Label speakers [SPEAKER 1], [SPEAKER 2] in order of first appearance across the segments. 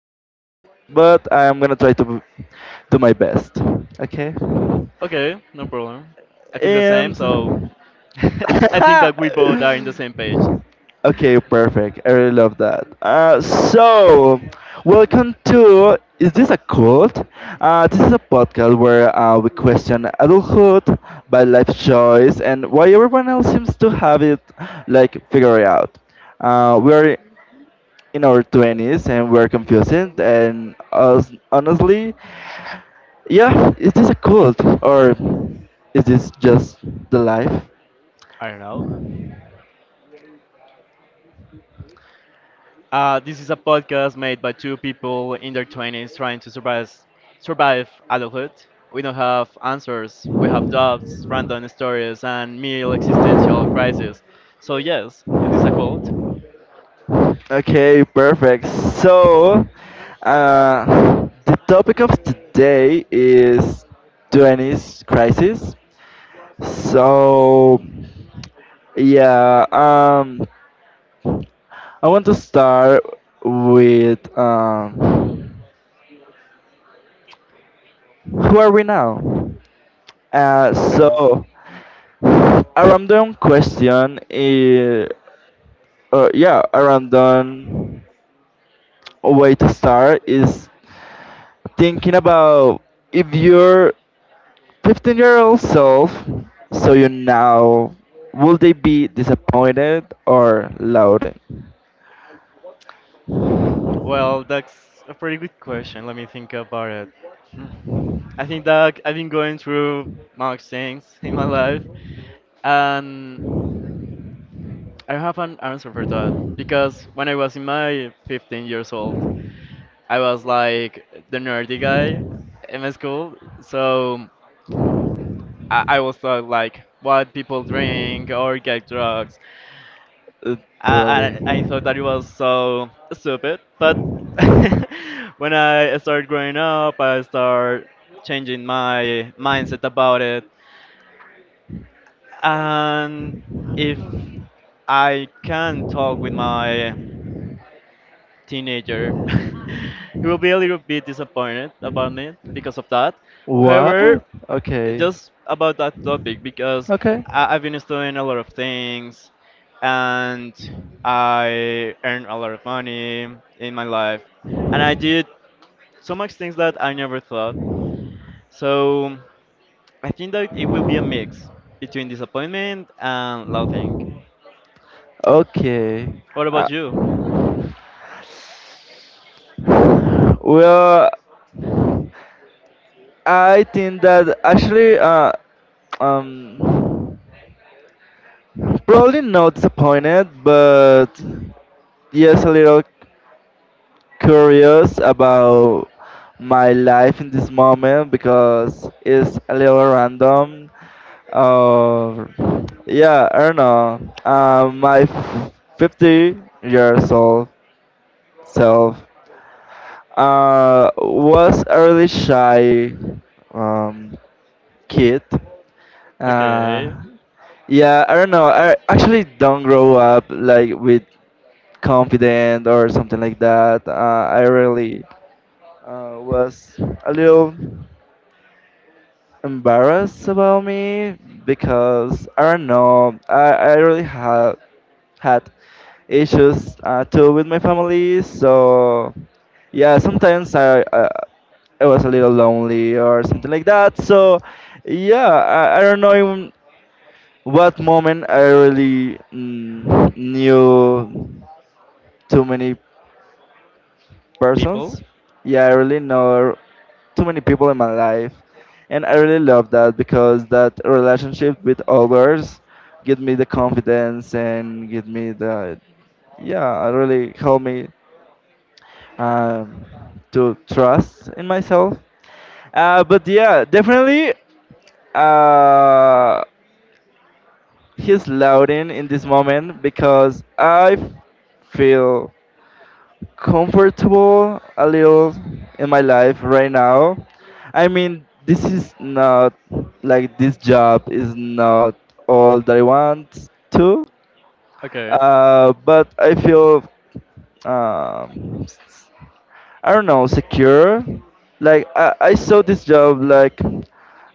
[SPEAKER 1] in the life, but I'm gonna try to do my best. Okay.
[SPEAKER 2] Okay, no problem. I feel the same, so
[SPEAKER 1] And
[SPEAKER 2] I think that we both are in the same page.
[SPEAKER 1] okay, perfect. I really love that. So, welcome to Is This a Cult? This is a podcast where we question adulthood by life choice and why everyone else seems to have it like figured out. We are in our 20s and we're confused and us honestly, yeah, is this a cult or is this just the life?
[SPEAKER 2] I don't know. This is a podcast made by two people in their 20s trying to survive adulthood. We don't have answers, we have doubts, random stories, and mere existential crises. So, yes, it is a cult.
[SPEAKER 1] Yes. Okay, perfect. So, the topic of today is 20s crisis. So, yeah, I want to start with who are we now? Uh,
[SPEAKER 2] Okay.
[SPEAKER 1] so a random question is, yeah, a random way to start is thinking about if your 15-year-old self, so you now, would they be disappointed or loud?
[SPEAKER 2] Well, that's a pretty good question. Let me think about it. Mm. I think that I've been going through much things in my life, and I have an answer for that because when I was in my 15 years old, I was like the nerdy guy in my school, so I was thought like what people drink or get drugs.
[SPEAKER 1] Uh, Totally.
[SPEAKER 2] I thought that it was so stupid, but when I started growing up, I started changing my mindset about it. And if I can talk with my teenager, he will be a little bit disappointed about me because of that. However,
[SPEAKER 1] What? Okay.
[SPEAKER 2] just about that topic because
[SPEAKER 1] Okay.
[SPEAKER 2] I've been studying a lot of things and I earn a lot of money in my life and I did so much things that I never thought. So I think that it will be a mix between disappointment and laughing.
[SPEAKER 1] Okay.
[SPEAKER 2] What about
[SPEAKER 1] Uh,
[SPEAKER 2] you?
[SPEAKER 1] well, I think that actually, um, probably not disappointed, but yes, a little curious about my life in this moment because it's a little random. Uh, yeah, I don't know. My 50 years old self was a really shy um, kid. Uh,
[SPEAKER 2] Okay.
[SPEAKER 1] yeah, I don't know. I actually don't grow up like with confident or something like that. I really was a little embarrassed about me because I don't know. I really had issues too with my family, so yeah, sometimes I was a little lonely or something like that. So yeah, I don't know in what moment I really knew too many
[SPEAKER 2] People?
[SPEAKER 1] persons. Yeah, I really know too many people in my life, and I really love that because that relationship with others give me the confidence and give me the, yeah, really help me um, to trust in myself. But yeah, definitely uh, he's louding in this moment because I feel comfortable a little in my life right now. I mean, this is not like this job is not all that I want to,
[SPEAKER 2] Okay.
[SPEAKER 1] but I feel, um, I don't know, secure. Like I saw this job like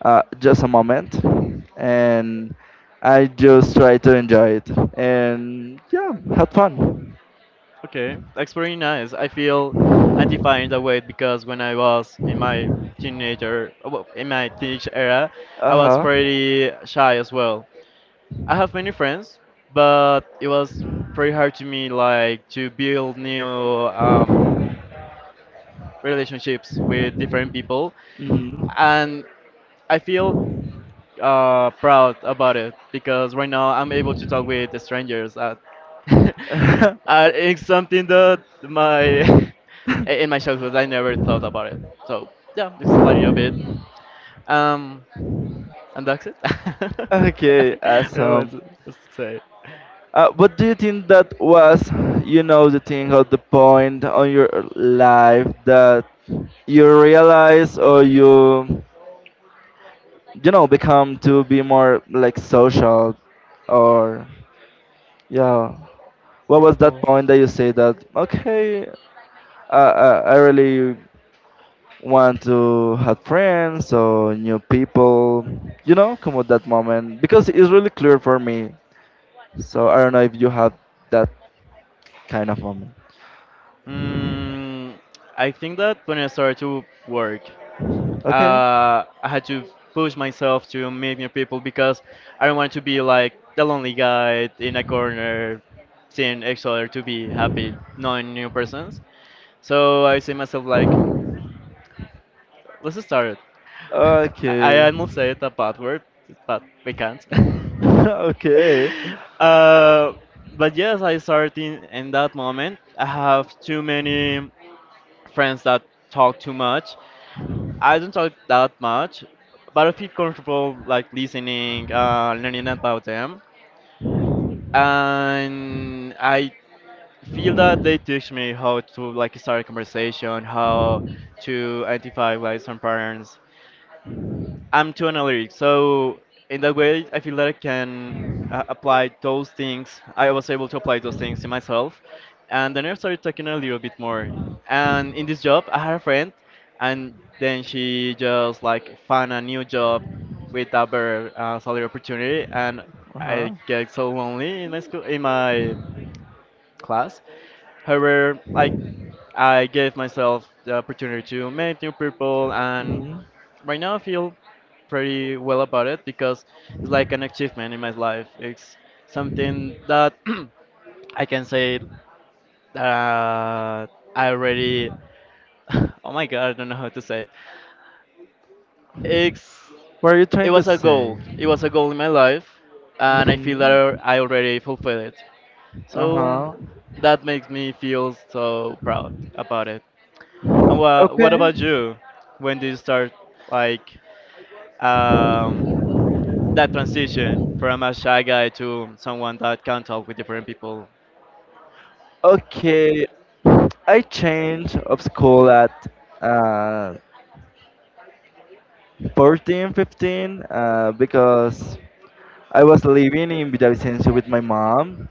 [SPEAKER 1] just a moment, and I just tried to enjoy it, and yeah, had fun.
[SPEAKER 2] Okay, that's pretty nice. I feel anti-fat in that way because when I was in my teenager, well, in my teenage era,
[SPEAKER 1] Uh
[SPEAKER 2] I was
[SPEAKER 1] huh.
[SPEAKER 2] pretty shy as well. I have many friends, but it was pretty hard to me like to build new relationships with different people,
[SPEAKER 1] Mm-hmm.
[SPEAKER 2] and I feel proud about it because right now I'm able to talk with strangers. It's something that my in my childhood I never thought about it. So yeah, just a little bit. Um, and that's it.
[SPEAKER 1] Okay,
[SPEAKER 2] I don't know what
[SPEAKER 1] awesome.
[SPEAKER 2] to, What to say.
[SPEAKER 1] What do you think that was, you know, the thing or the point on your life that you realize or you, become to be more like social or, yeah. What was that
[SPEAKER 2] Oh.
[SPEAKER 1] point that you say that, okay, I really want to have friends or new people, come at that moment? Because it's really clear for me. So I don't know if you have that kind of moment.
[SPEAKER 2] Mm, I think that when I started to work,
[SPEAKER 1] Okay.
[SPEAKER 2] I had to push myself to meet new people because I don't want to be like the lonely guy in a corner, seeing each other to be happy, knowing new persons. So I say myself like, let's start it. I
[SPEAKER 1] Okay.
[SPEAKER 2] almost said a bad word, but we can't.
[SPEAKER 1] Okay.
[SPEAKER 2] uh, but yes, I started in that moment. I have too many friends that talk too much, I don't talk that much, but I feel comfortable like listening, learning about them, and I feel that they teach me how to like start a conversation, how to identify like some patterns, I'm too analytic, so in that way, I feel that I can apply those things. I was able to apply those things to myself, and then I started talking a little bit more. And in this job, I had a friend, and then she just like found a new job with a better salary opportunity, and
[SPEAKER 1] Uh
[SPEAKER 2] I
[SPEAKER 1] huh.
[SPEAKER 2] get so lonely in my school, in my class. However, I gave myself the opportunity to meet new people, and
[SPEAKER 1] Hmm.
[SPEAKER 2] right now I feel pretty well about it because it's like an achievement in my life. It's something that I can say that I already. Oh my god, I don't know how to say it. It's
[SPEAKER 1] What are you
[SPEAKER 2] it
[SPEAKER 1] trying to
[SPEAKER 2] was a
[SPEAKER 1] say?
[SPEAKER 2] goal. It was a goal in my life, and I feel that
[SPEAKER 1] Hmm.
[SPEAKER 2] I already fulfilled it.
[SPEAKER 1] Uh
[SPEAKER 2] So
[SPEAKER 1] huh.
[SPEAKER 2] that makes me feel so proud about it. And what
[SPEAKER 1] Okay.
[SPEAKER 2] about you? When did you start like um, that transition from a shy guy to someone that can talk with different people?
[SPEAKER 1] Okay. I changed of school at uh, 14, 15, because I was living in Villavicencio with my mom.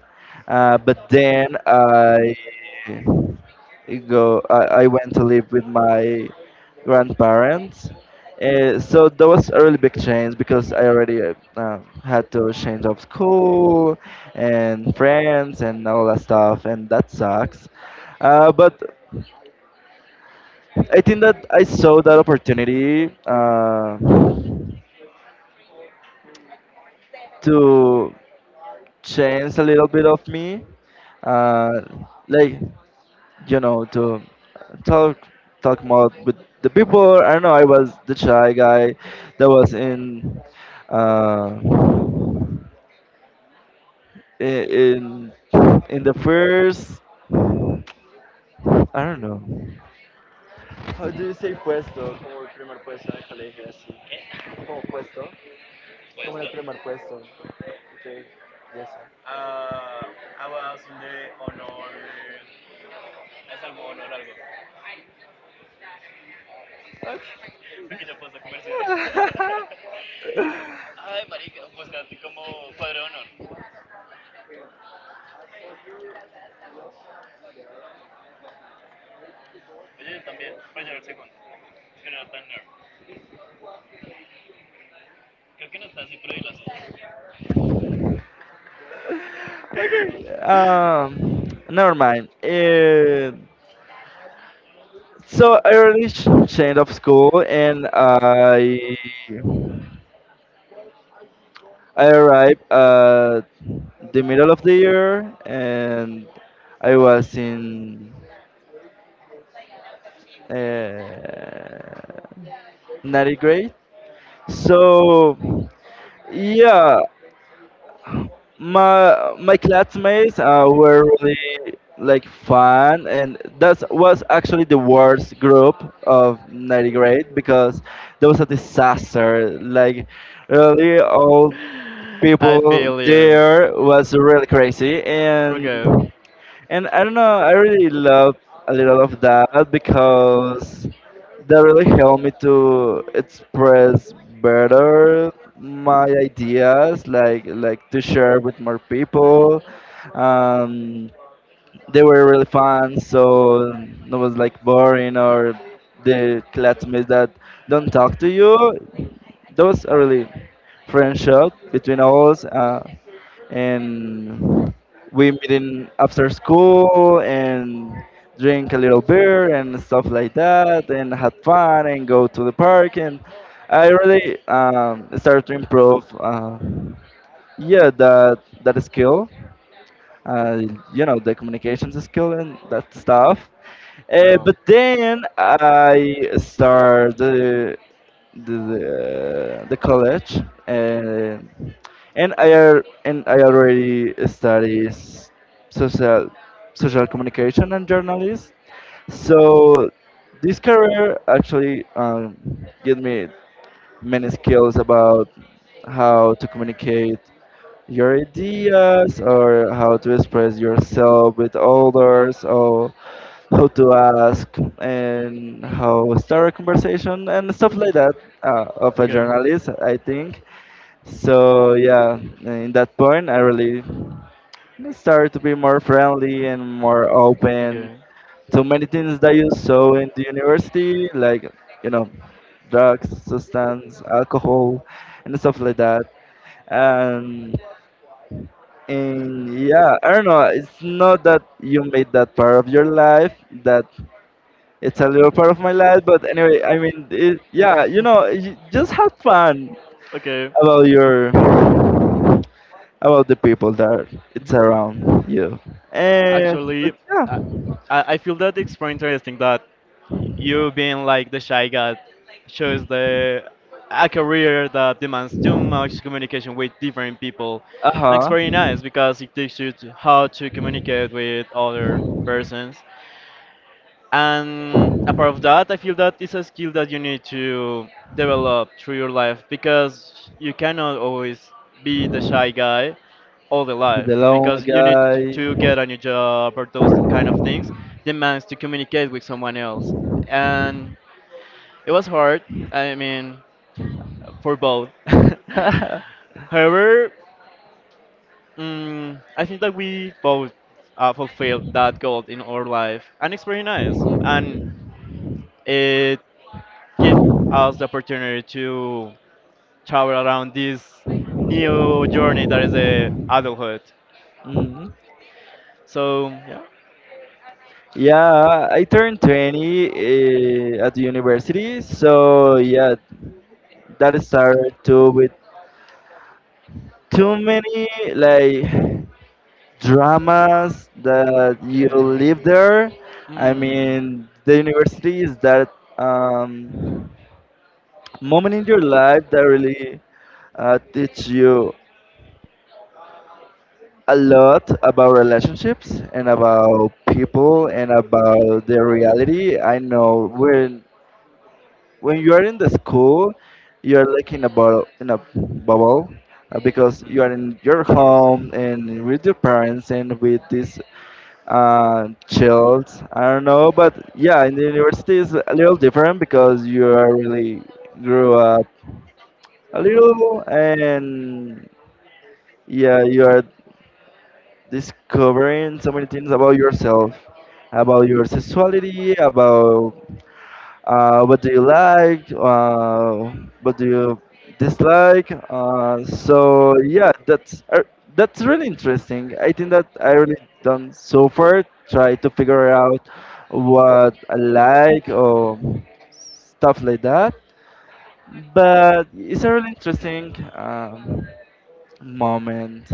[SPEAKER 1] But then I went to live with my grandparents. So that was a really big change because I already had to change of school and friends and all that stuff, and that sucks. But I think that I saw that opportunity. To change a little bit of me, uh, like, to talk talk more with the people. I don't know. I was the shy guy that was uh, i- in in the first. I don't know. How do you say puesto? Como el primer puesto en el colegio, así. Como puesto. Como en el primer puesto. Okay. Yes. Okay. Never mind. So I already changed of school, and I arrived at the middle of the year, and I was in uh, ninth grade. So yeah, my classmates were really like fun, and that was actually the worst group of 90 grade because there was a disaster, like really all
[SPEAKER 2] I
[SPEAKER 1] people
[SPEAKER 2] feel you. There.
[SPEAKER 1] there was really crazy. and
[SPEAKER 2] Okay.
[SPEAKER 1] and I don't know, I really love a little of that because that really helped me to express better my ideas, like to share with more people. Um, they were really fun, so no was like boring or the classmates that don't talk to you. Those are really friendship between us, and we meet in after school and drink a little beer and stuff like that, and had fun and go to the park. And I really started to improve, yeah, that skill, uh, the communications skill and that stuff. But then I started the college and and I already study social social communication and journalism. So this career actually gave me many skills about how to communicate your ideas, or how to express yourself with others, or how to ask and how start a conversation and stuff like that, of a
[SPEAKER 2] At that. Okay.
[SPEAKER 1] journalist,
[SPEAKER 2] Place.
[SPEAKER 1] I think. So yeah, in that point I really started to be more friendly and more open,
[SPEAKER 2] Okay. My.
[SPEAKER 1] so many things that you saw in the university, like, you know drugs, substance, alcohol and stuff like that, and and yeah, I don't know. It's not that you made that part of your life. That it's a little part of my life. But anyway, I mean, it, yeah, you just have fun
[SPEAKER 2] Okay.
[SPEAKER 1] about your about the people that it's
[SPEAKER 2] Mhm.
[SPEAKER 1] around you. And
[SPEAKER 2] Actually,
[SPEAKER 1] but yeah,
[SPEAKER 2] I, I feel that it's very interesting that you being like the shy guy shows the a career that demands too much communication with different people.
[SPEAKER 1] uh
[SPEAKER 2] And it's
[SPEAKER 1] huh,
[SPEAKER 2] very nice because it teaches you to- how to communicate with other persons. And apart of that, I feel that it's a skill that you need to develop through your life because you cannot always be the shy guy all the life
[SPEAKER 1] the lonely
[SPEAKER 2] because you need to
[SPEAKER 1] guy.
[SPEAKER 2] to get a new job or those kind of things demands to communicate with someone else. And it was hard, I mean, for both. However, mm, I think that we both fulfilled that goal in our life, and it's very nice. And it give us the opportunity to travel around this new journey that is the adulthood.
[SPEAKER 1] Hmm.
[SPEAKER 2] So yeah.
[SPEAKER 1] Yeah, I turned 20 at the university, so yeah, that started too with too many like dramas that you live
[SPEAKER 2] Okay.
[SPEAKER 1] there.
[SPEAKER 2] Um,
[SPEAKER 1] I
[SPEAKER 2] mm,
[SPEAKER 1] mean, the university is that moment in your life that really teach you a lot about relationships and about people and about the reality. I know when you are in the school, you are like in a bubble, because you
[SPEAKER 2] mm,
[SPEAKER 1] are in your
[SPEAKER 2] of course.
[SPEAKER 1] home and with your parents and with this chilled. I don't know, but yeah, in the university is a little different because you are really grew up a little, and yeah, you are discovering so many things about yourself, about your sexuality, about what do you like, what do you dislike. So yeah, that's really interesting. I think that I really done so far try to figure out what I like or stuff like that. But it's a really interesting moment.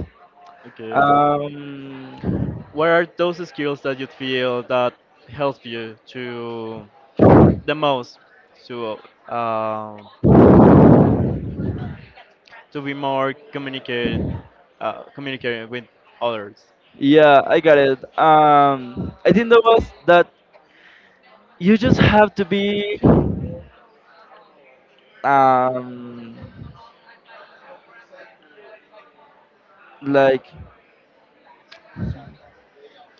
[SPEAKER 2] Okay.
[SPEAKER 1] Um,
[SPEAKER 2] What are those skills that you feel that help you to the most to uh, to be more communicate communicating with others?
[SPEAKER 1] yeah, I got it. I think that was that you just have to be um like,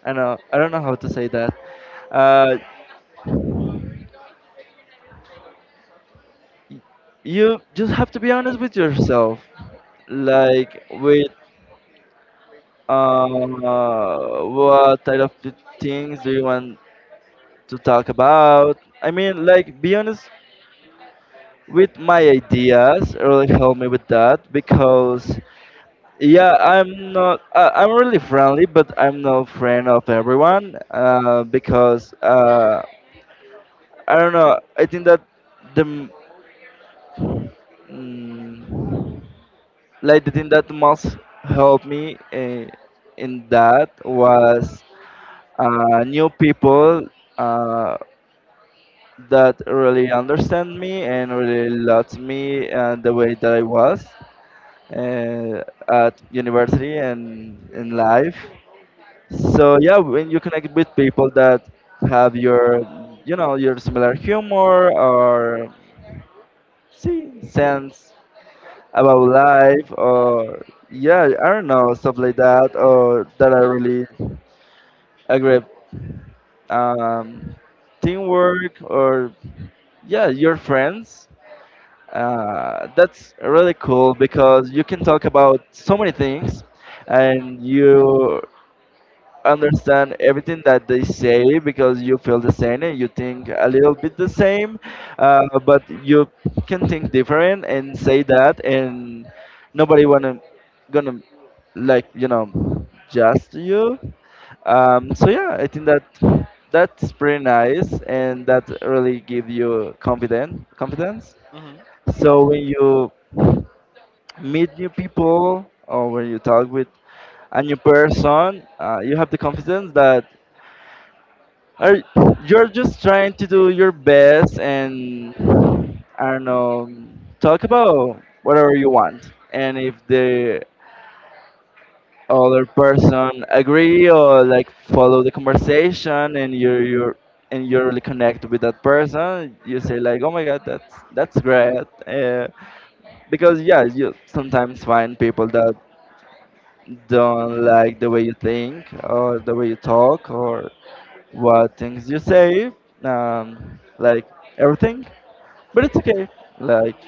[SPEAKER 1] I don't know how to say that. Uh, y- you just have to be honest with yourself, like with uh, what type of things do you want to talk about? I mean, like be honest with my ideas. Really help me with that because yeah, I'm not I'm really friendly, but I'm no friend of everyone because. I don't know. I think that the m- mm, like the thing that most helped me in that was new people uh, that really understand me and really loved me the way that I was at university and in life. So yeah, when you connect with people that have your you know your similar humor or see sense about life or yeah, I don't know, stuff like that, or that I really agree, um teamwork, or yeah, your friends, that's really cool because you can talk about so many things, and you understand everything that they say because you feel the same and you think a little bit the same, but you can think different and say that, and nobody wanna gonna like just you. So yeah, I think that that's pretty nice, and that really give you confidence. Confidence.
[SPEAKER 2] Hmm.
[SPEAKER 1] So when you meet new people or when you talk with a new person, you have the confidence that are, you're just trying to do your best and I don't know, talk about whatever you want. And if the other person agree or like follow the conversation and you're and you really connect with that person, you say like, "Oh my God, that's great," uh, because yeah, you sometimes find people that don't like the way you think or the way you talk or what things you say, like everything. But it's okay. Like,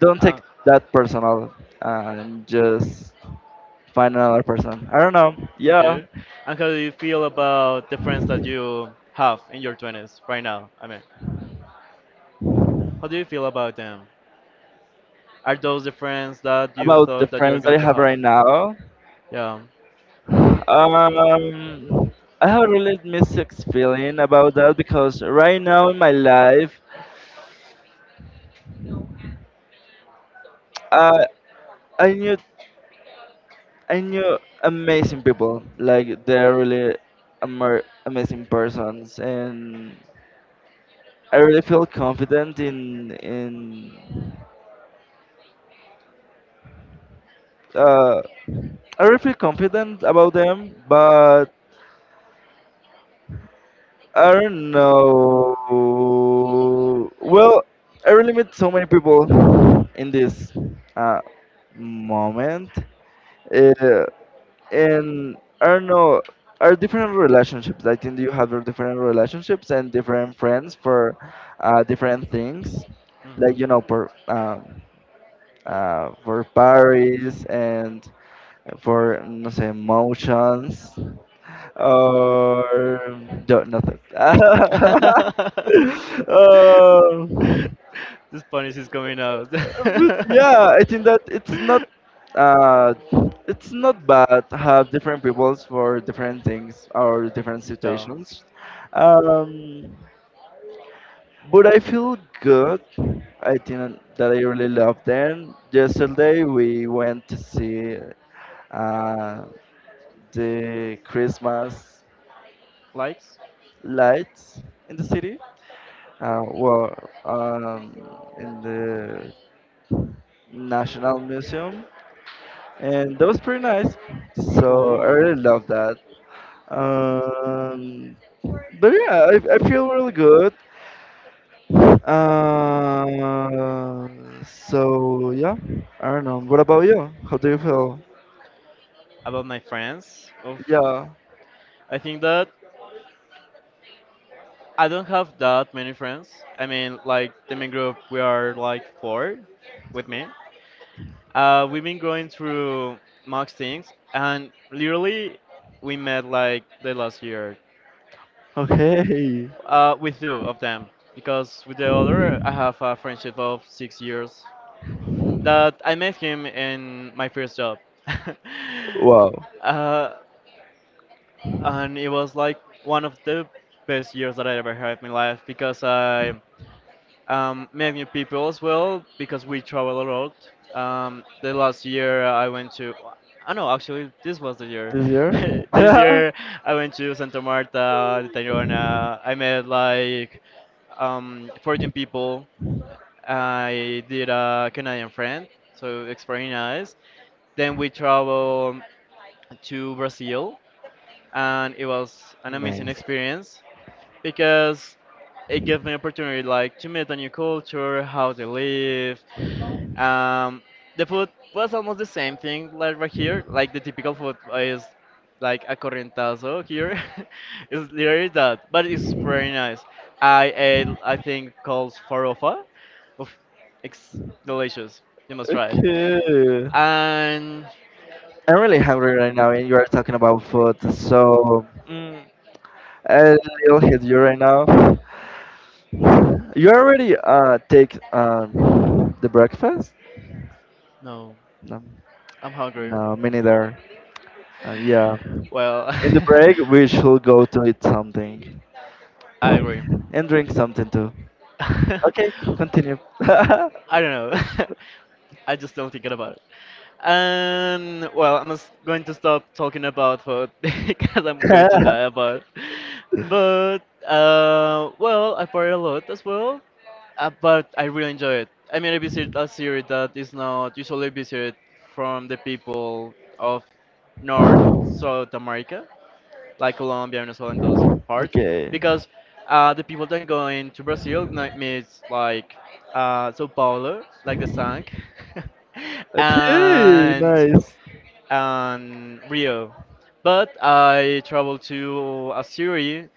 [SPEAKER 1] don't take that personal and just find another person. I don't know. Yeah.
[SPEAKER 2] Okay. And how do you feel about the friends that you have in your 20s right now? I mean, how do you feel about them? Are those the friends that you
[SPEAKER 1] About the
[SPEAKER 2] thought that you're
[SPEAKER 1] friends that
[SPEAKER 2] going
[SPEAKER 1] I
[SPEAKER 2] to
[SPEAKER 1] have
[SPEAKER 2] have?
[SPEAKER 1] right now,
[SPEAKER 2] Yeah.
[SPEAKER 1] um, I have a really mixed feeling about that because right now in my life, uh, I knew I knew amazing people. Like they're really amazing persons, and I really feel confident in in. Uh, I really feel confident about them, but I don't know. Well, I really met so many people in this uh, moment. Uh, and I don't know are different relationships. I think you have your different relationships and different friends for different things,
[SPEAKER 2] Mhm.
[SPEAKER 1] like for parties and for no say emotions or no, nothing. Um,
[SPEAKER 2] This Spanish is coming out.
[SPEAKER 1] but yeah, I think that uh, it's not bad to have different peoples for different things or different
[SPEAKER 2] Yeah.
[SPEAKER 1] situations. Um, but I feel good. I think that I really love them. Yesterday we went to see uh, the Christmas
[SPEAKER 2] Likes?
[SPEAKER 1] lights in the city. Uh, well, in the National Museum, and that was pretty nice. So I
[SPEAKER 2] Cool.
[SPEAKER 1] really love that. Um, But yeah, I feel really good. So yeah, I don't know. What about you? How do you feel?
[SPEAKER 2] About my friends? Oof.
[SPEAKER 1] Yeah.
[SPEAKER 2] I think that I don't have that many friends. I mean, like the main group, we are like four with me. We've been going through much things, and literally, we met like the last year
[SPEAKER 1] Okay.
[SPEAKER 2] with two of them because with the other, I have a friendship of 6 years that I met him in my first job.
[SPEAKER 1] Wow.
[SPEAKER 2] uh, and it was like one of the best years that I ever had in my life because I met new people as well because we travel a lot. The last year I went to, I know actually this was the year.
[SPEAKER 1] This year?
[SPEAKER 2] This year I went to Santa Marta, de Tayrona. I met like 14 people. I did a Canadian friend, so it's very nice. Then we traveled to Brazil, and it was an amazing
[SPEAKER 1] nice.
[SPEAKER 2] experience because it gave me opportunity like to meet a new culture, how they live. Um, the food was almost the same thing like right here. Like the typical food is like a corrientazo here. It's literally that, but it's very nice. I ate I think called farofa. Oof, it's delicious. You must try it.
[SPEAKER 1] Okay.
[SPEAKER 2] And
[SPEAKER 1] I'm really hungry right now, and you are talking about food, so I will hit you right now. You already take the breakfast?
[SPEAKER 2] no,
[SPEAKER 1] No,
[SPEAKER 2] I'm hungry.
[SPEAKER 1] no, me neither. Yeah.
[SPEAKER 2] Well,
[SPEAKER 1] In the break, we should go to eat something
[SPEAKER 2] I agree.
[SPEAKER 1] and drink something too. Okay, continue.
[SPEAKER 2] I don't know. I just don't think about it. And well, I'm just going to stop talking about food because I'm going to die about. But well, I party a lot as well. But I really enjoy it. I mean, I visit a city that is not usually visited from the people of North South America like Colombia, Venezuela, and those parts,
[SPEAKER 1] okay.
[SPEAKER 2] because the people that go into Brazil like, meets like Sao Paulo, like the song,
[SPEAKER 1] Okay,
[SPEAKER 2] and
[SPEAKER 1] nice.
[SPEAKER 2] and Rio. But I traveled to a city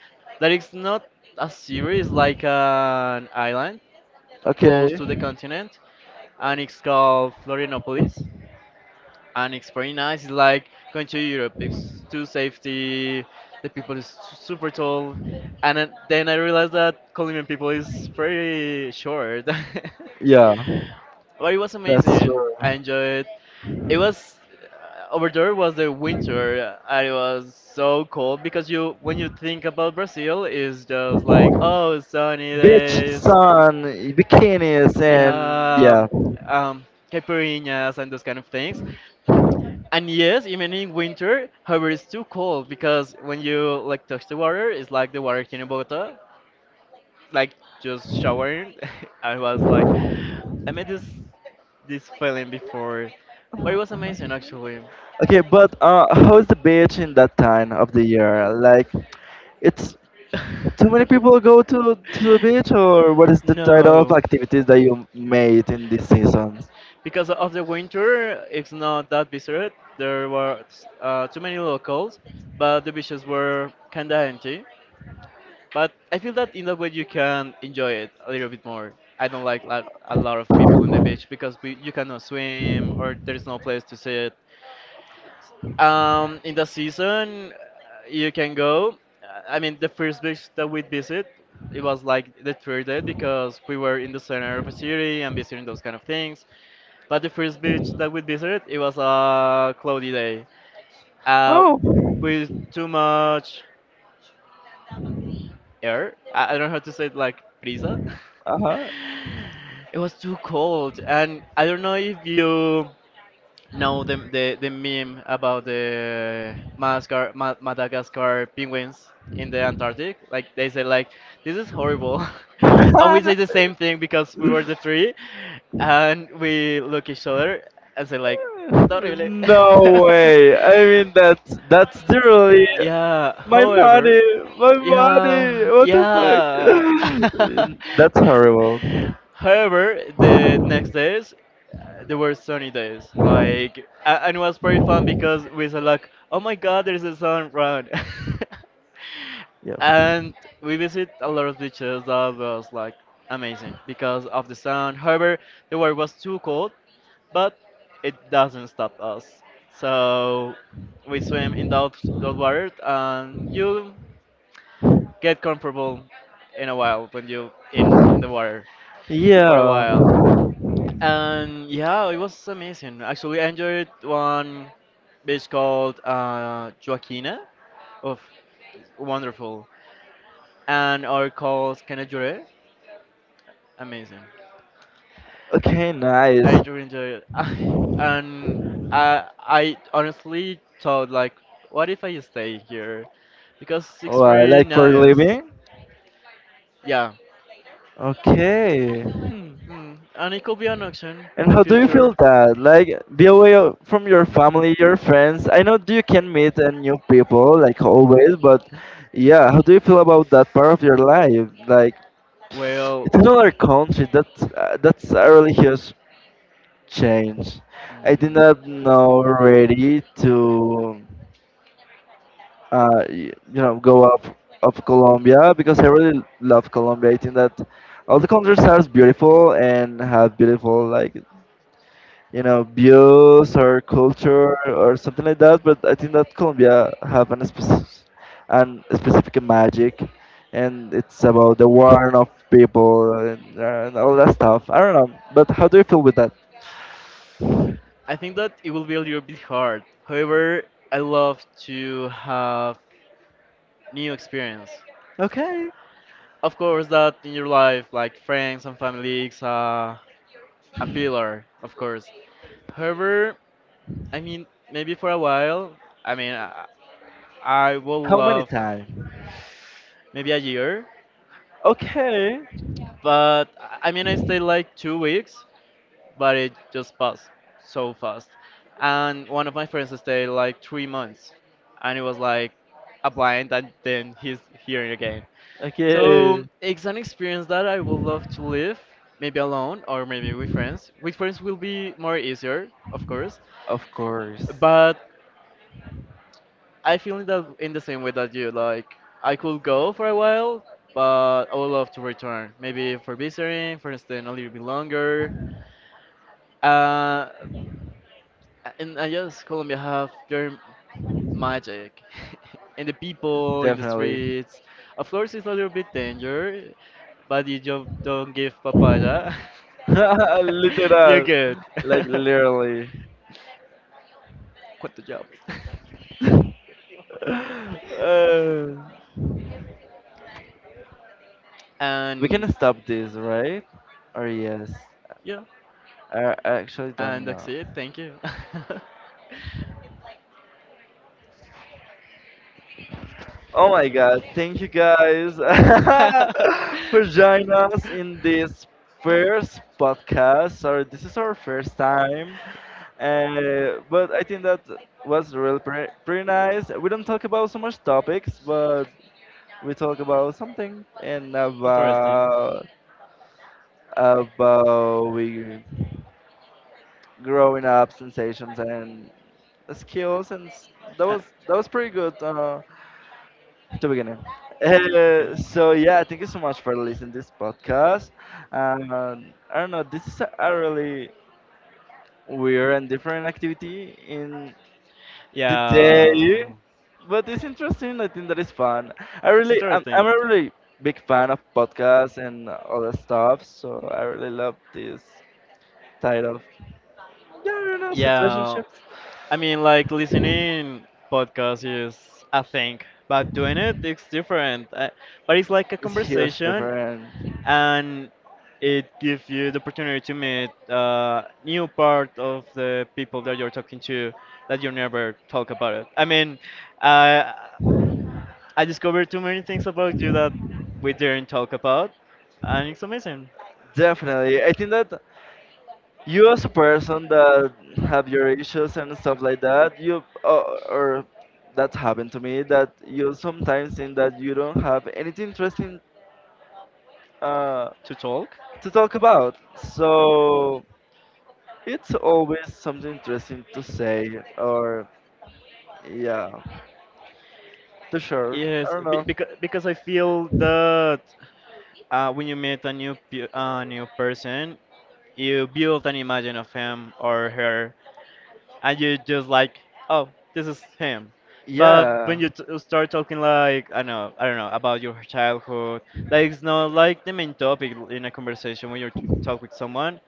[SPEAKER 2] that is not a city, it's like an island close
[SPEAKER 1] Okay.
[SPEAKER 2] to the continent, and it's called Florianopolis and it's pretty nice. It's like going to Europe. It's too safety. The people is su- super tall, and then I realized that Colombian people is pretty short.
[SPEAKER 1] Yeah.
[SPEAKER 2] But it was
[SPEAKER 1] That's
[SPEAKER 2] amazing.
[SPEAKER 1] true.
[SPEAKER 2] I enjoyed. It was over there was the winter. And it was so cold because you when you think about Brazil, it's just like oh sunny
[SPEAKER 1] Beach,
[SPEAKER 2] days,
[SPEAKER 1] sun, bikinis, and
[SPEAKER 2] yeah,
[SPEAKER 1] yeah.
[SPEAKER 2] um, caipirinhas and those kind of things. And yes, even in winter, however, it's too cold because when you like touch the water, it's like the water here in Bogota, like just showering. I was like, I made this feeling before, but it was amazing actually.
[SPEAKER 1] Okay, but how's the beach in that time of the year? Like, it's too many people go to the beach, or what is the type of
[SPEAKER 2] No,
[SPEAKER 1] activities that you made in this season?
[SPEAKER 2] because of the winter, it's not that visited. There were too many locals, but the beaches were kinda empty. But I feel that in that way you can enjoy it a little bit more. I don't like a lot of people in the beach because we, you cannot swim or there's no place to sit. In the season, you can go. I mean, the first beach that we visit, it was like the third day because we were in the center of the city and visiting those kind of things. But the first beach that we visited, it was a cloudy day. Uh, with too much air. I don't know how to say it like brisa.
[SPEAKER 1] Uh-huh.
[SPEAKER 2] It was too cold, and I don't know if you no, the meme about the Madagascar penguins in the Antarctic, like they say, like this is horrible, and we say the same thing because we were the three, and we look each other and say like it's not really.
[SPEAKER 1] no way. I mean that's literally
[SPEAKER 2] Yeah.
[SPEAKER 1] my
[SPEAKER 2] However,
[SPEAKER 1] money, my money.
[SPEAKER 2] yeah,
[SPEAKER 1] What the fuck?
[SPEAKER 2] yeah.
[SPEAKER 1] That's horrible.
[SPEAKER 2] However, the next days there were sunny days, like, a- and it was pretty fun because we said like, oh my God, there's a sun run,
[SPEAKER 1] Yeah.
[SPEAKER 2] and we visit a lot of beaches that was like amazing because of the sun. However, the water was too cold, but it doesn't stop us. So we swim in those water, and you get comfortable in a while when you in the water for a
[SPEAKER 1] Yeah.
[SPEAKER 2] while. And yeah, it was amazing. Actually, I enjoyed one beach called Joaquina. Of wonderful. And our calls Can I Jure? Amazing.
[SPEAKER 1] Okay,
[SPEAKER 2] I
[SPEAKER 1] nice.
[SPEAKER 2] really enjoyed it. And I honestly thought like, what if I stay here? Because it's
[SPEAKER 1] What,
[SPEAKER 2] pretty
[SPEAKER 1] like for
[SPEAKER 2] nice.
[SPEAKER 1] living?
[SPEAKER 2] Yeah.
[SPEAKER 1] Okay. Hmm.
[SPEAKER 2] Mm. And it could be an option in
[SPEAKER 1] And
[SPEAKER 2] the
[SPEAKER 1] how do you feel
[SPEAKER 2] future.
[SPEAKER 1] that? Like, be away from your family, your friends. I know you can meet new people, like always, but yeah, how do you feel about that part of your life? Like, it's
[SPEAKER 2] Well,
[SPEAKER 1] another country. That's a really huge change. I did
[SPEAKER 2] mm,
[SPEAKER 1] not know already to, you know, go up of Colombia because I really love Colombia. I think that all the countries are beautiful and have beautiful like you know views or culture or something like that, but I think that Colombia have an specific magic, and it's about the warmth of people and all that stuff. I don't know, but how do you feel with that?
[SPEAKER 2] I think that it will be a little bit hard. However, I love to have new experience.
[SPEAKER 1] Okay.
[SPEAKER 2] Of course, that in your life, like friends and families, a pillar, of course. However, I mean, maybe for a while, I mean, I, I will
[SPEAKER 1] How many
[SPEAKER 2] love
[SPEAKER 1] times?
[SPEAKER 2] maybe a year,
[SPEAKER 1] Okay.
[SPEAKER 2] but I mean, I stayed like 2 weeks, but it just passed so fast. And one of my friends stayed like 3 months, and it was like a blind, and then he's here again. So
[SPEAKER 1] Okay.
[SPEAKER 2] it's an experience that I would love to live, maybe alone or maybe with friends. With friends will be more easier, of course,
[SPEAKER 1] Of course.
[SPEAKER 2] but I feel in the same way that you like. I could go for a while, but I would love to return. Maybe for visiting, for staying a little bit longer. Uh, and I guess Colombia have their magic, in the people in the
[SPEAKER 1] Definitely.
[SPEAKER 2] streets. Of course, it's a little bit danger, but you just don't give papaya. You're
[SPEAKER 1] literal.
[SPEAKER 2] good.
[SPEAKER 1] Like literally.
[SPEAKER 2] Cuánto job.
[SPEAKER 1] uh, we can
[SPEAKER 2] And
[SPEAKER 1] stop this right or yes.
[SPEAKER 2] yeah,
[SPEAKER 1] I actually don't
[SPEAKER 2] and that's
[SPEAKER 1] know.
[SPEAKER 2] it. Thank you.
[SPEAKER 1] Oh my god, thank you guys, for joining us in this first podcast. Sorry, this is our first time. But I think that was really pretty nice. We don't talk about so much topics, but we talk about something and
[SPEAKER 2] Interesting.
[SPEAKER 1] about we growing up sensations and skills and
[SPEAKER 2] Uh,
[SPEAKER 1] that was pretty good. The beginning. Uh,
[SPEAKER 2] okay.
[SPEAKER 1] so yeah, thank you so much for listening this podcast. I don't know, this is a really weird and different activity in the
[SPEAKER 2] Yeah, it's. Yeah,
[SPEAKER 1] day, but it's interesting. I think that is fun. I really,
[SPEAKER 2] interesting.
[SPEAKER 1] I'm a really big fan of podcasts and other stuff, so I really love this type of yeah, I don't know,
[SPEAKER 2] Yeah,
[SPEAKER 1] situationships.
[SPEAKER 2] I mean, like listening podcast is a thing, but doing it's different. But it's like a
[SPEAKER 1] It's huge
[SPEAKER 2] conversation,
[SPEAKER 1] difference.
[SPEAKER 2] and it gives you the opportunity to meet new part of the people that you're talking to that you never talk about it. I mean, uh, I discovered too many things about you that we didn't talk about, and it's amazing
[SPEAKER 1] Definitely. I think that you as a person that have your issues and stuff like that, you or that's happened to me that you sometimes think that you don't have anything interesting uh,
[SPEAKER 2] to talk.
[SPEAKER 1] to talk about. So it's always something interesting to say or, yeah, to share. I
[SPEAKER 2] Yes,
[SPEAKER 1] don't know.
[SPEAKER 2] because I feel that when you meet a new person, you build an image of him or her and you just like, oh, this is him. But when
[SPEAKER 1] Yeah.
[SPEAKER 2] you start talking like, I know, I don't know, about your childhood, like it's not like the main topic in a conversation when you talk with someone.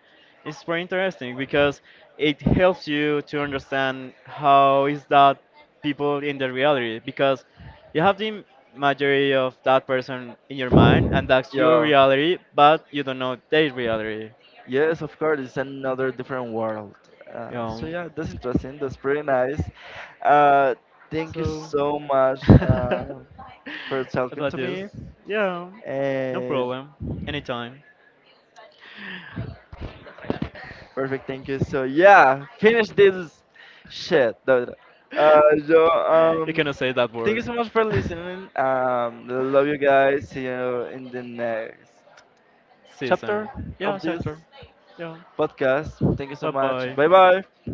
[SPEAKER 2] It's very interesting because it helps you to understand how is that people in the reality because you have the majority of that person in your mind and that's your
[SPEAKER 1] Yeah.
[SPEAKER 2] reality, but you don't know their reality.
[SPEAKER 1] Yes, of course, it's another different world.
[SPEAKER 2] You
[SPEAKER 1] So
[SPEAKER 2] know,
[SPEAKER 1] yeah, that's interesting. That's pretty nice. Uh, Thank you
[SPEAKER 2] so.
[SPEAKER 1] so much for talking
[SPEAKER 2] About
[SPEAKER 1] to
[SPEAKER 2] this.
[SPEAKER 1] me.
[SPEAKER 2] Yeah, no
[SPEAKER 1] And
[SPEAKER 2] problem. Anytime.
[SPEAKER 1] perfect, thank you. So yeah, finish this shit. No, no. Uh, so
[SPEAKER 2] You
[SPEAKER 1] um,
[SPEAKER 2] cannot say that
[SPEAKER 1] Thank you
[SPEAKER 2] word.
[SPEAKER 1] so much for listening. Love you guys. See you in the next
[SPEAKER 2] See you soon.
[SPEAKER 1] chapter
[SPEAKER 2] Yeah,
[SPEAKER 1] of
[SPEAKER 2] sure,
[SPEAKER 1] this
[SPEAKER 2] sure. Yeah.
[SPEAKER 1] podcast. Thank you so
[SPEAKER 2] Bye
[SPEAKER 1] much. Bye
[SPEAKER 2] bye.
[SPEAKER 1] bye.